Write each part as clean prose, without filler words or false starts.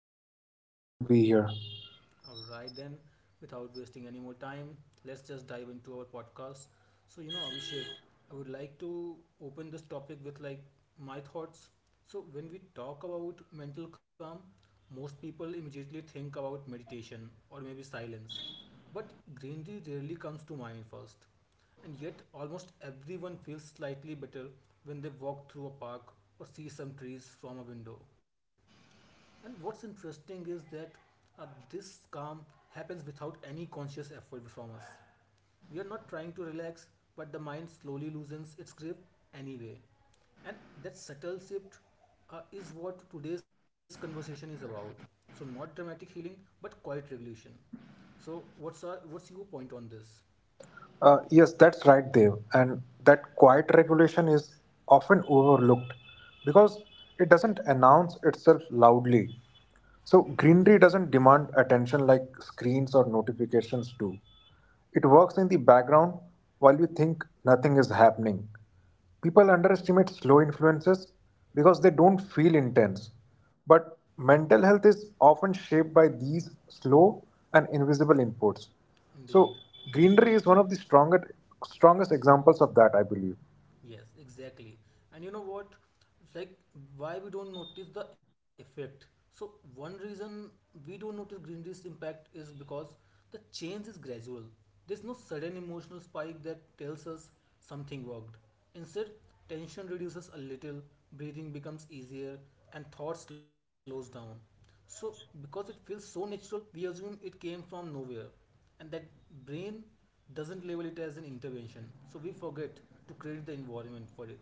and pleasure to be here. All right, then, without wasting any more time, let's just dive into our podcast. So, you know, Abhishek, I would like to open this topic with like my thoughts. So, when we talk about mental calm, most people immediately think about meditation or maybe silence. But greenery rarely comes to mind first, and yet almost everyone feels slightly better when they walk through a park or see some trees from a window. And what's interesting is that this calm happens without any conscious effort from us. We are not trying to relax, but the mind slowly loosens its grip anyway. And that subtle shift is what today's conversation is about. So, not dramatic healing, but quiet regulation. So, what's your point on this? Yes, that's right, Dev. And that quiet regulation is often overlooked because it doesn't announce itself loudly. So, greenery doesn't demand attention like screens or notifications do. It works in the background while you think nothing is happening. People underestimate slow influences because they don't feel intense. But mental health is often shaped by these slow and invisible inputs. So, Indeed, greenery is one of the strongest examples of that, I believe. yes, exactly. And you know what? It's like why we don't notice the effect. So one reason we don't notice greenery's impact is because the change is gradual. There's no sudden emotional spike that tells us something worked. Instead, tension reduces a little, breathing becomes easier, and thought slows down. So because it feels so natural, we assume it came from nowhere and that brain doesn't label it as an intervention. So we forget to create the environment for it.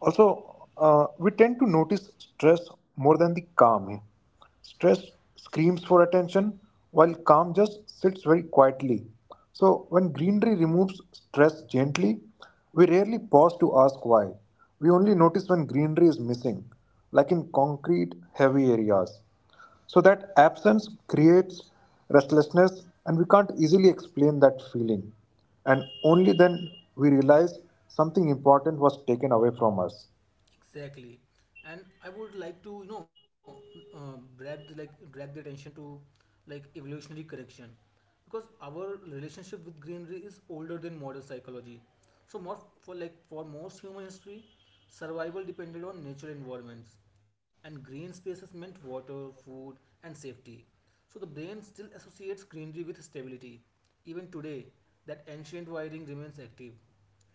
Also, we tend to notice stress more than the calm here. Stress screams for attention while calm just sits very quietly. So, when greenery removes stress gently, we rarely pause to ask why. We only notice when greenery is missing, like in concrete, heavy areas. So that absence creates restlessness, and we can't easily explain that feeling. And only then we realize something important was taken away from us. Exactly, and I would like to, you know, drag the, drag the attention to like evolutionary correction because our relationship with greenery is older than modern psychology. So more for most human history, survival depended on natural environments, and green spaces meant water, food, and safety. So the brain still associates greenery with stability. Even today, that ancient wiring remains active,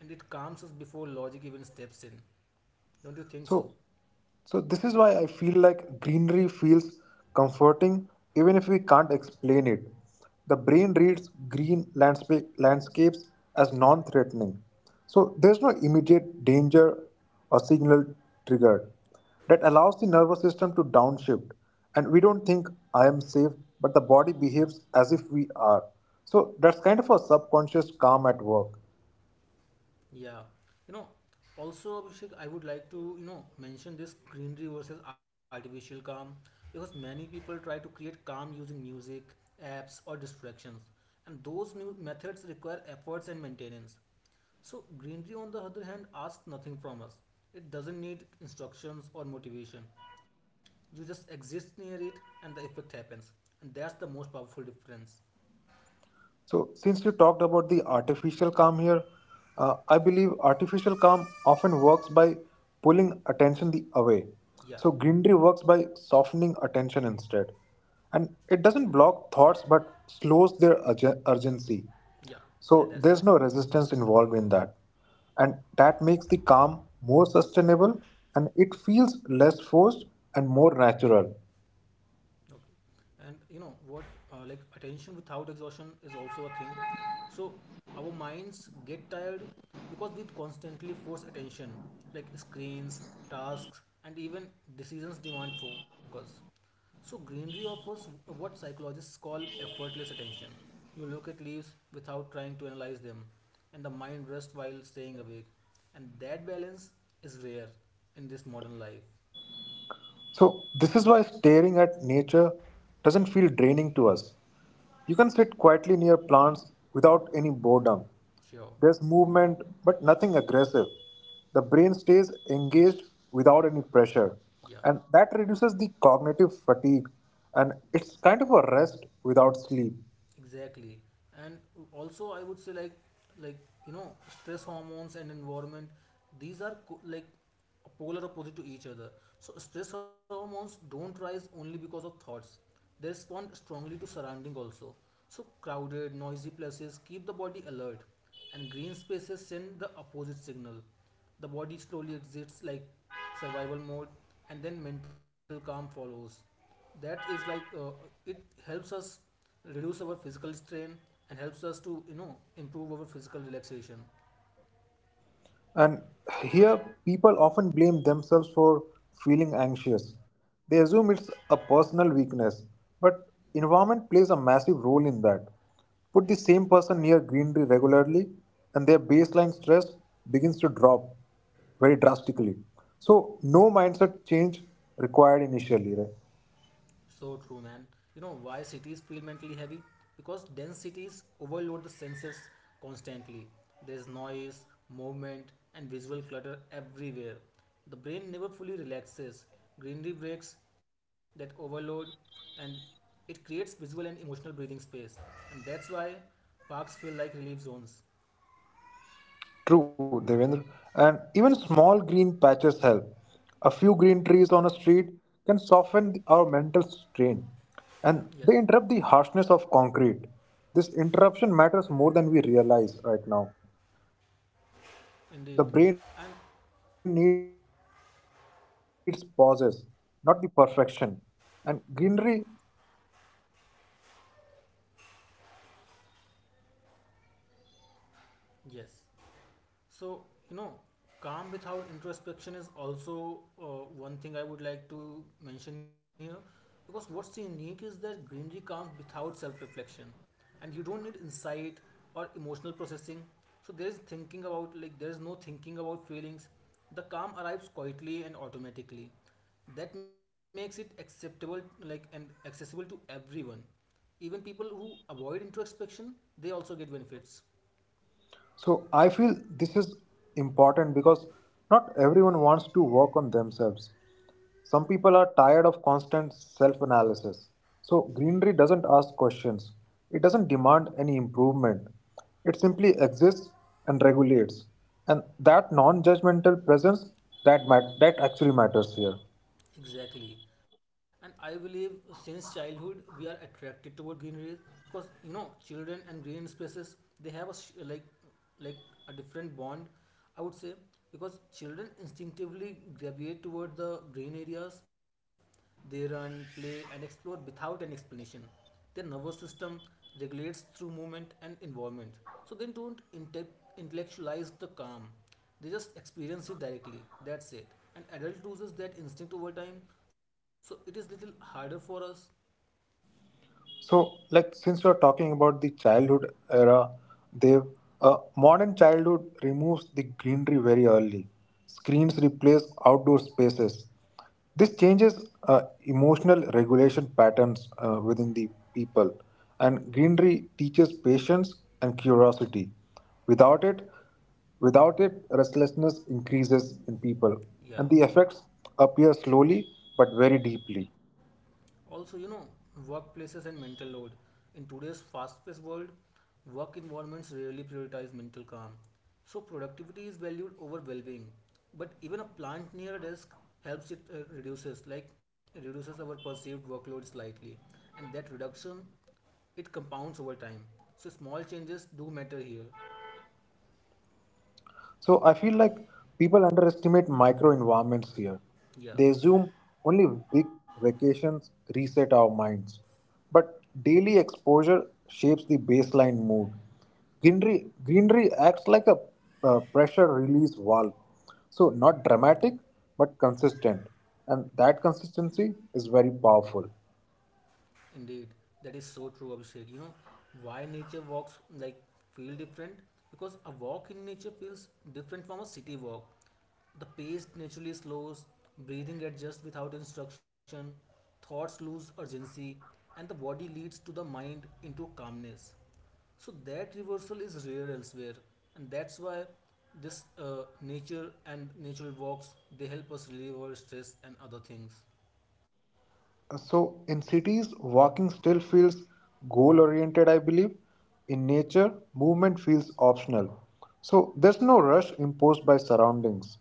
and it calms us before logic even steps in. Don't you think so? So, so, this is why I feel like greenery feels comforting even if we can't explain it. The brain reads green landscapes as non-threatening. So there's no immediate danger or signal triggered. That allows the nervous system to downshift and we don't think I am safe, but the body behaves as if we are. So that's kind of a subconscious calm at work. Yeah. You know, also Abhishek, I would like to, you know, mention this greenery versus artificial calm because many people try to create calm using music, apps or distractions. And those new methods require efforts and maintenance. So greenery on the other hand asks nothing from us. It doesn't need instructions or motivation. You just exist near it and the effect happens. And that's the most powerful difference. So, since you talked about the artificial calm here, I believe artificial calm often works by pulling attention the away. Yeah. So, greenery works by softening attention instead. And it doesn't block thoughts but slows their urgency. Yeah. Yeah, So, that's there's right. no resistance involved in that. And that makes the calm more sustainable and it feels less forced and more natural. Okay. And you know what, like attention without exhaustion is also a thing. So our minds get tired because we constantly force attention, like screens, tasks, and even decisions demand focus. So greenery offers what psychologists call effortless attention. You look at leaves without trying to analyze them, and the mind rests while staying awake. And that balance is rare in this modern life. So, this is why staring at nature doesn't feel draining to us. You can sit quietly near plants without any boredom. Sure. There's movement, but nothing aggressive. The brain stays engaged without any pressure, Yeah. and that reduces the cognitive fatigue. And it's kind of a rest without sleep. Exactly. And also, I would say like you know, stress hormones and environment. These are polar opposite to each other. So stress hormones don't rise only because of thoughts. They respond strongly to surrounding also. So crowded, noisy places keep the body alert, and green spaces send the opposite signal. The body slowly exits like survival mode, and then mental calm follows. That is like it helps us reduce our physical strain and helps us to, you know, improve our physical relaxation. And here, people often blame themselves for feeling anxious. They assume it's a personal weakness, but environment plays a massive role in that. Put the same person near greenery regularly, and their baseline stress begins to drop very drastically. So, no mindset change required initially, right? So true, man. You know why cities feel mentally heavy? Because dense cities overload the senses constantly. There's noise, movement and visual clutter everywhere. The brain never fully relaxes. Greenery breaks that overload, and it creates visual and emotional breathing space. And that's why parks feel like relief zones. True, Devendra. And even small green patches help. A few green trees on a street can soften our mental strain Yes, and they interrupt the harshness of concrete. This interruption matters more than we realize right now. The brain needs pauses, indeed. not the And perfection. And greenery provides those pauses very naturally. yes, so, you know, calm without introspection is also one thing I would like to mention here because what's so unique is that greenery comes without self reflection and you don't need insight or emotional processing. So, there is no thinking about feelings. The calm arrives quietly and automatically. That makes it acceptable, like, and accessible to everyone. Even people who avoid introspection, they also get benefits. So I feel this is important because not everyone wants to work on themselves. Some people are tired of constant self analysis. So greenery doesn't ask questions, it doesn't demand any improvement. It simply exists and regulates. And that non judgmental presence that actually matters here. Exactly. And I believe since childhood we are attracted toward greenery because, you know, children and green spaces, they have a sh- like a different bond, I would say, because children instinctively gravitate toward the brain areas. They run, play, and explore without an explanation. Their nervous system regulates through movement and environment. So they don't inte- intellectualize the calm. They just experience it directly. That's it. And adult loses that instinct over time, so it is little harder for us. So, like, since we're talking about the childhood era, Dev, a modern childhood removes the greenery very early. Screens replace outdoor spaces. This changes emotional regulation patterns within the people, and greenery teaches patience and curiosity. Without it, Without it, restlessness increases in people, and Yeah. the effects appear slowly but very deeply. Also, you know, workplaces and mental load. In today's fast paced world, work environments rarely prioritize mental calm. So, productivity is valued over well being. But even a plant near a desk helps it. Reduces our perceived workload slightly. And that reduction, it compounds over time. So, small changes do matter here. So I feel like people underestimate micro environments here. Yeah. They assume only big vacations reset our minds. But daily exposure shapes the baseline mood. Greenery acts like a pressure release valve. So not dramatic, but consistent. And that consistency is very powerful. Indeed, that is so true, Abhishek. You know why nature walks like feel different? Because a walk in nature feels different from a city walk. The pace naturally slows, breathing adjusts without instruction, thoughts lose urgency, and the body leads to the mind into calmness. So that reversal is rare elsewhere, and that's why this nature and natural walks, they help us relieve our stress and other things. So in cities, walking still feels goal oriented, I believe. In nature, movement feels optional. So there's no rush imposed by surroundings.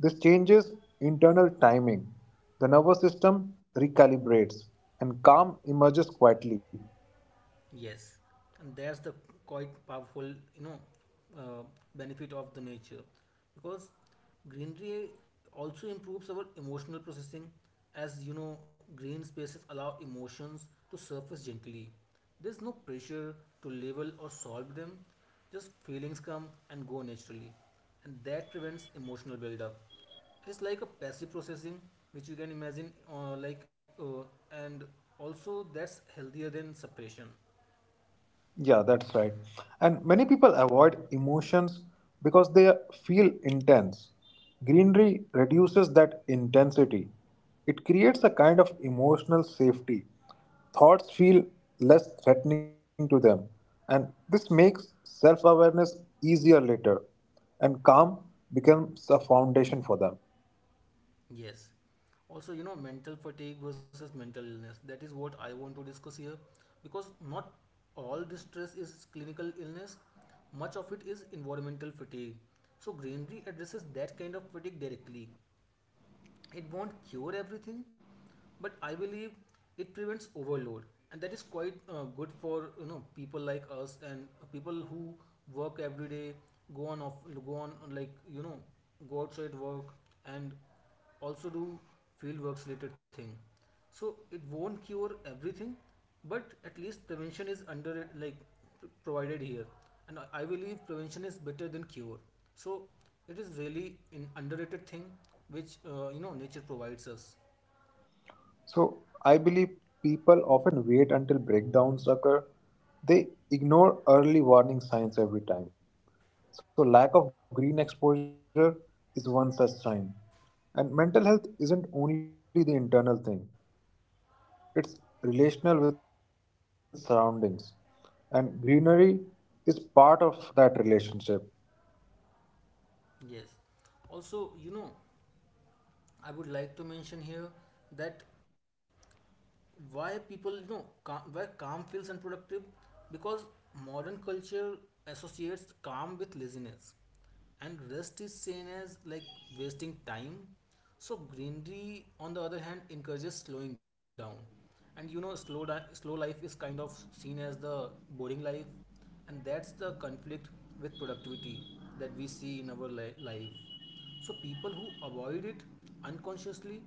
This changes internal timing. The nervous system recalibrates and calm emerges quietly. Yes, and that's the quite powerful, you know, uh, benefit of the nature, because greenery also improves our emotional processing, as you know, green spaces allow emotions to surface gently. There's no pressure to label or solve them; just feelings come and go naturally, and that prevents emotional buildup. It's like a passive processing, which you can imagine, and also that's healthier than suppression. Yeah, that's right. And many people avoid emotions because they feel intense. Greenery reduces that intensity. It creates a kind of emotional safety. Thoughts feel less threatening to them, and this makes self awareness easier later, and calm becomes a foundation for them. Yes. Also, you know, mental fatigue versus mental illness. That is what I want to discuss here because not all distress is clinical illness, much of it is environmental fatigue. So, greenery addresses that kind of fatigue directly. It won't cure everything, but I believe it prevents overload, and that is quite good for, you know, people like us and people who work every day, go on off, go on like, you know, go outside work and also do field works related thing. So it won't cure everything, but at least prevention is under it, like provided here. And I believe prevention is better than cure. So it is really an underrated thing which, you know, nature provides us. So I believe people often wait until breakdowns occur. They ignore early warning signs every time. So lack of green exposure is one such sign. And mental health isn't only the internal thing. It's relational with surroundings. And greenery is part of that relationship. Yes, also, you know, I would like to mention here that why people, you know, why calm feels unproductive, because modern culture associates calm with laziness and rest is seen as like wasting time. So greenery on the other hand encourages slowing down. And, you know, slow life is kind of seen as the boring life, and that's the conflict with productivity that we see in our life. So people who avoid it unconsciously,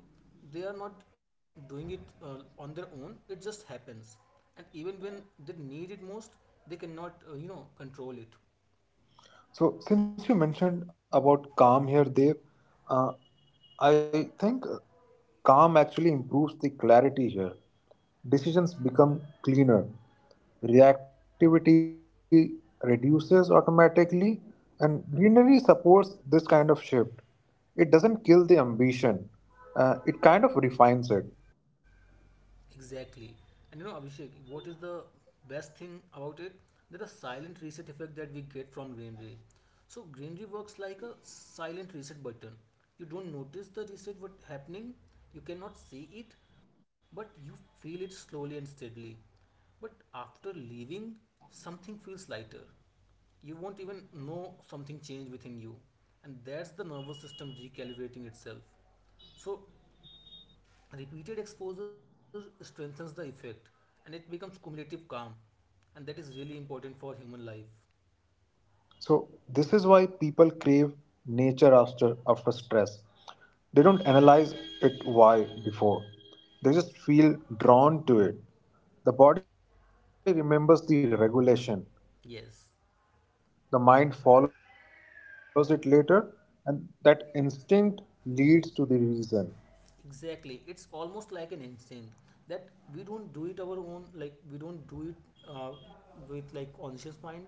they are not doing it on their own, it just happens. And even when they need it most, they cannot, you know, control it. So, since you mentioned about calm here, Dev, uh, I think calm actually improves the clarity here. Decisions become cleaner, reactivity reduces automatically, and greenery supports this kind of shift. It doesn't kill the ambition, it kind of refines it. Exactly. And you know, Abhishek, what is the best thing about it? That the silent reset effect that we get from greenery. So greenery works like a silent reset button. You don't notice the reset what happening, you cannot see it, but you feel it slowly and steadily. But after leaving, something feels lighter. You won't even know something changed within you. And that's the nervous system recalibrating itself. So repeated exposure strengthens the effect and it becomes cumulative calm, and that is really important for human life. So this is why people crave nature after stress. They don't analyze it why before. They just feel drawn to it. The body remembers the regulation. The mind follows it Yes. later and that instinct leads to the reason. Exactly, it's almost like an instinct that we don't do it our own, like we don't do it uh, with like conscious mind,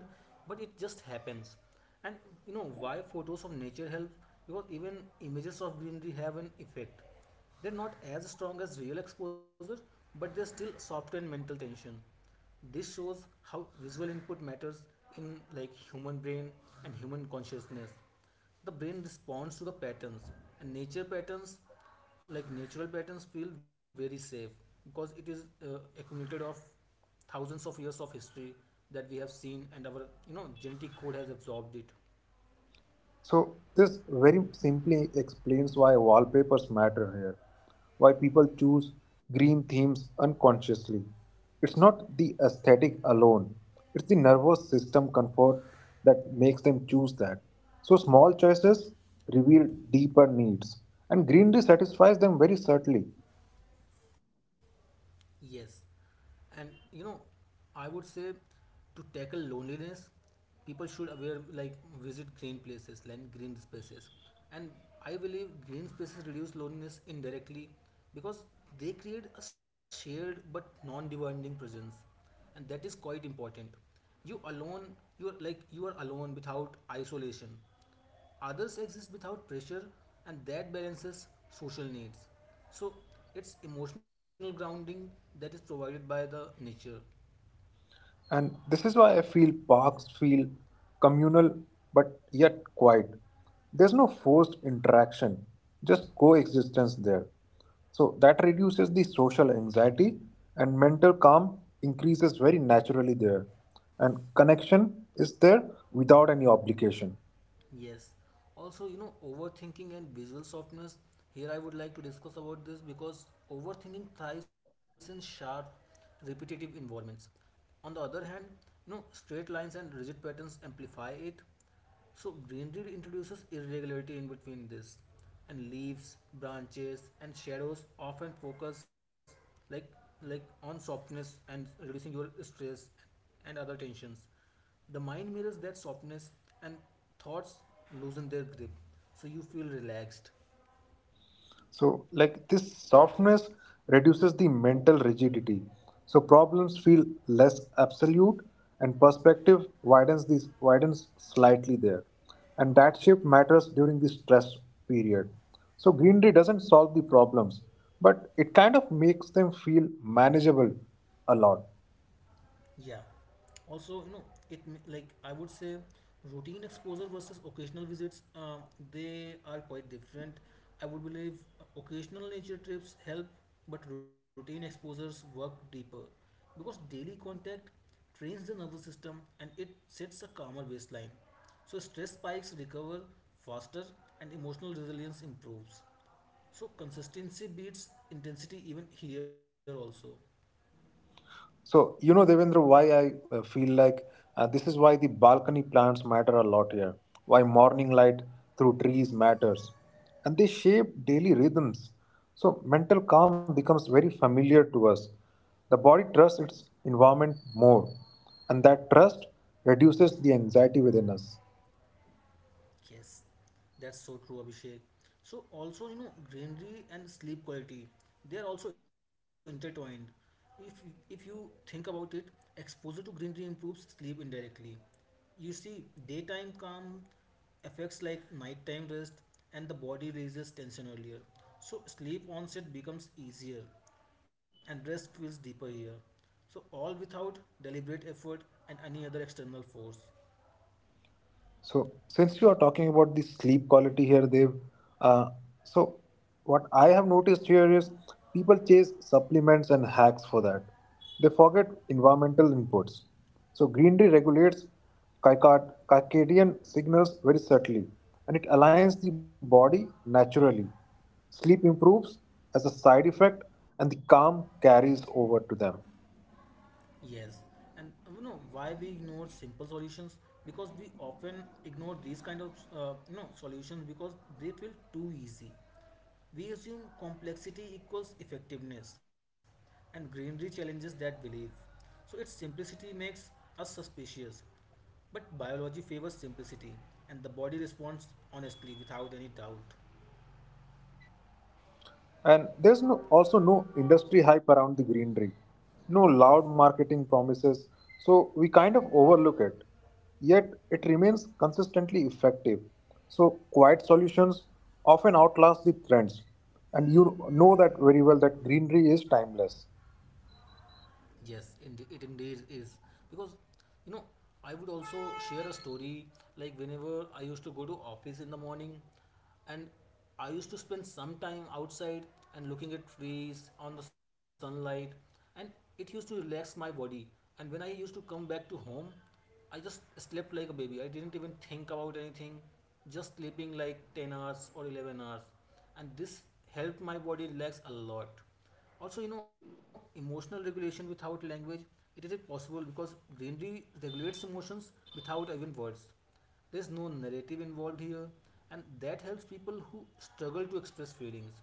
but it just happens. And you know why photos of nature help? Because even images of greenery have an effect. They're not as strong as real exposure, but they still soften mental tension. This shows how visual input matters in like human brain and human consciousness. The brain responds to the patterns, and nature patterns, like natural patterns feel very safe because it is, accumulated of thousands of years of history that we have seen and our, you know, genetic code has absorbed it. So, this very simply explains why wallpapers matter here, why people choose green themes unconsciously. It's not the aesthetic alone, it's the nervous system comfort that makes them choose that. So, small choices reveal deeper needs, and greenery satisfies them very subtly. Yes, and, you know, I would say to tackle loneliness, people should aware like visit green places, like green spaces. And I believe green spaces reduce loneliness indirectly because they create a shared but non-demanding presence, and that is quite important. You alone, you are alone without isolation. Others exist without pressure, and that balances social needs. So it's emotional grounding that is provided by the nature. And this is why I feel parks feel communal but yet quiet. There's no forced interaction, just coexistence there. So that reduces the social anxiety and mental calm increases very naturally there. And connection is there without any obligation. Yes. Also, you know, overthinking and visual softness. Here, I would like to discuss about this because overthinking thrives in sharp, repetitive environments. On the other hand, straight lines and rigid patterns amplify it. So greenery introduces irregularity in between this, and leaves, branches, and shadows often focus like like on softness and reducing your stress and other tensions. The mind mirrors that softness, and thoughts loosen their grip, so you feel relaxed. So, like this softness reduces the mental rigidity. So problems feel less absolute, and perspective widens slightly there, and that shift matters during the stress period. So greenery doesn't solve the problems, but it kind of makes them feel manageable a lot. Yeah. Also, it m- like I would say routine exposure versus occasional visits, they are quite different. I would believe occasional nature trips help, but routine exposures work deeper because daily contact trains the nervous system and it sets a calmer baseline. So stress spikes recover faster and emotional resilience improves. So consistency beats intensity even here also. So, you know, Devendra, why I feel like this is why the balcony plants matter a lot here, why morning light through trees matters. And they shape daily rhythms. So, mental calm becomes very familiar to us. The body trusts its environment more, and that trust reduces the anxiety within us. Yes, that's so true, Abhishek. So also, greenery and sleep quality, they are also intertwined. If if you think about it, exposure to greenery improves sleep indirectly. You see, daytime calm affects like nighttime rest, and the body releases tension earlier. So sleep onset becomes easier, and rest feels deeper here. So all without deliberate effort and any other external force. So, since you are talking about the sleep quality here, Dev, uh, so what I have noticed here is people chase supplements and hacks for that. They forget environmental inputs. So, greenery regulates circadian signals very subtly and it aligns the body naturally. Sleep improves as a side effect, and the calm carries over to them. Yes, and you know why we ignore simple solutions, because we often ignore these kind of you know solutions because they feel too easy. We assume complexity equals effectiveness, and greenery challenges that belief. So its simplicity makes us suspicious, but biology favors simplicity, and the body responds honestly without any doubt. And there's no, also no industry hype around the greenery, no loud marketing promises, so we kind of overlook it. Yet it remains consistently effective. So quiet solutions often outlast the trends, and you know that very well that greenery is timeless. Yes, indeed, it indeed is, because you know, I would also share a story. Like whenever I used to go to office in the morning, and I used to spend some time outside and looking at trees on the sunlight, and it used to relax my body. And when I used to come back to home, I just slept like a baby. I didn't even think about anything, just sleeping like 10 hours or 11 hours, and this helped my body relax a lot. Also, you know, emotional regulation without language, it is possible because greenery regulates emotions without even words. There's no narrative involved here, and that helps people who struggle to express feelings,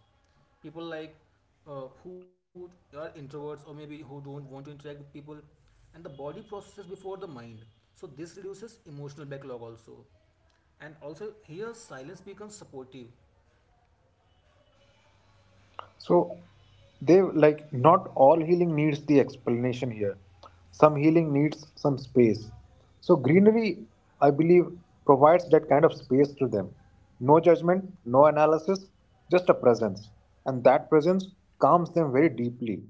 people like who are introverts or maybe who don't want to interact with people. And the body processes before the mind, so this reduces emotional backlog also. And also here silence becomes supportive. So they like not all healing needs the explanation here. Some healing needs some space. So greenery, I believe, provides that kind of space to them. No judgment, no analysis, just a presence. And that presence calms them very deeply.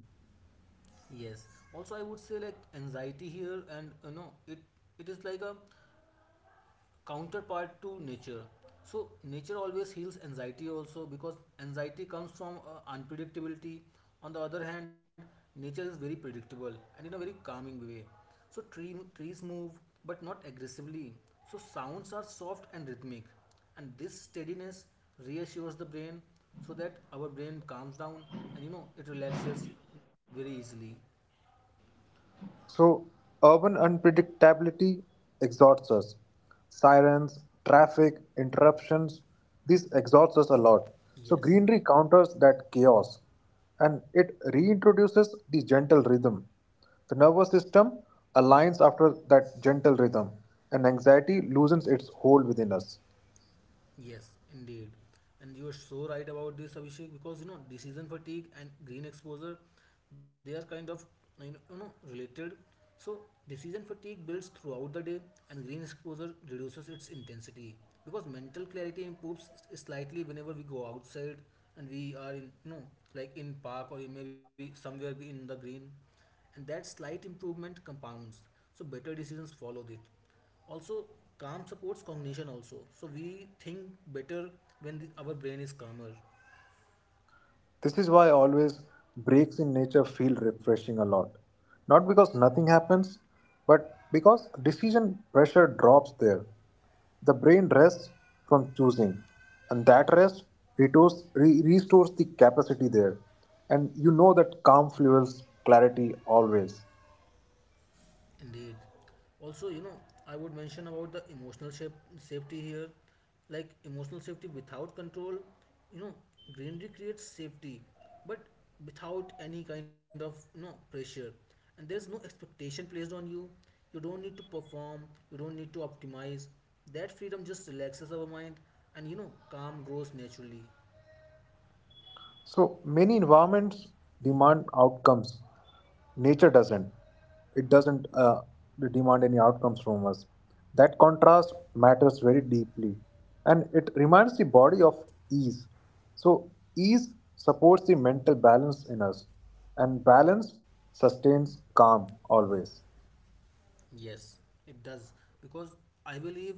Yes. Also, I would say like anxiety here, and you know, it is like a counterpart to nature. So nature always heals anxiety also, because anxiety comes from unpredictability. On the other hand, nature is very predictable and in a very calming way. So trees move but not aggressively. So sounds are soft and rhythmic, and this steadiness reassures the brain, so that our brain calms down and you know it relaxes very easily. So, urban unpredictability exhausts us. Sirens, traffic, interruptions, this exhausts us a lot. So, Yes. greenery counters that chaos and it reintroduces the gentle rhythm. The nervous system aligns after that gentle rhythm, and anxiety loosens its hold within us. Yes, indeed. And you are so right about this, Abhishek, because you know, decision fatigue and green exposure, they are kind of, you know, related. So decision fatigue builds throughout the day, and green exposure reduces its intensity because mental clarity improves slightly whenever we go outside and we are in, you know, like in park or in maybe somewhere in the green, and that slight improvement compounds, so better decisions follow it. Also, calm supports cognition also, so we think better when our brain is calmer. This is why always breaks in nature feel refreshing a lot. Not because nothing happens, but because decision pressure drops there. The brain rests from choosing, and that rest restores the capacity there. And you know that calm fuels clarity always. Indeed. Also, you know, I would mention about the safety here, like emotional safety without control. You know, greenery creates safety but without any kind of, you know, pressure, and there's no expectation placed on you. You don't need to perform, you don't need to optimize. That freedom just relaxes our mind, and you know, calm grows naturally. So many environments demand outcomes. Nature doesn't. It doesn't demand any outcomes from us. That contrast matters very deeply, and it reminds the body of ease. So ease supports the mental balance in us, and balance sustains calm always. Yes, it does. Because I believe,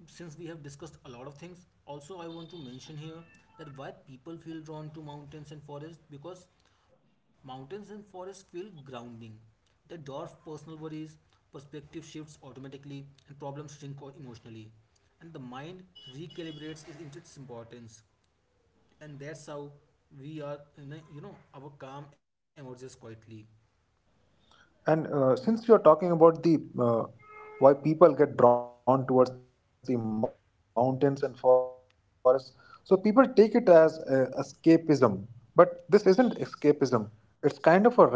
since we have discussed a lot of things, also I want to mention here that why people feel drawn to mountains and forests, because mountains and forests feel grounding. They dwarf personal worries, perspective shifts automatically, and problems shrink emotionally. And the mind recalibrates its importance. And that's how we are, you know, our calm emerges quietly. And since you are talking about the why people get drawn towards the mountains and forests, so people take it as escapism, but this isn't escapism. It's kind of a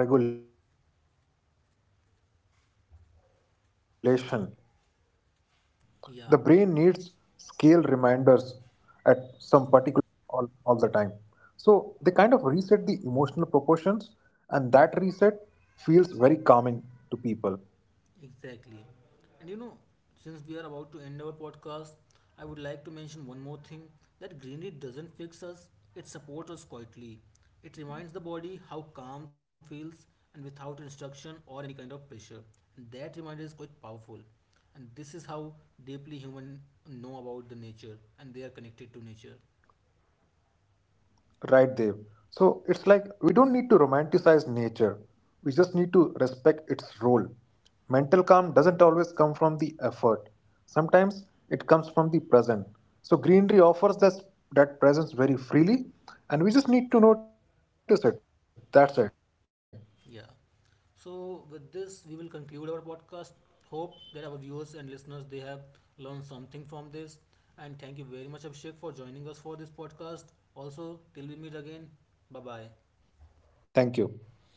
regulation. The Yeah. brain needs scale reminders at some particular point of time always, and green landscapes provide that all the time. So they kind of reset the emotional proportions, and that reset Exactly. feels very And you know, calming to since people. we are about to end our podcast, I would like to mention one more thing, that greenery doesn't fix us, it supports us quietly. It reminds the body how calm feels, and without instruction or any kind of pressure. And that reminder is quite powerful. And this is how deeply human know about the nature, and they are connected to nature. Right, Dev. So it's like we don't need to romanticize nature. We just need to respect its role. Mental calm doesn't always come from the effort. Sometimes it comes from the present. So greenery offers us that presence very freely, and we just need to notice it. That's it. Yeah. So with this, we will conclude our podcast. Hope that our viewers and listeners, they have learned something from this. And thank you very much, Abhishek, for joining us for this podcast. Also, till we meet again, bye bye. Thank you.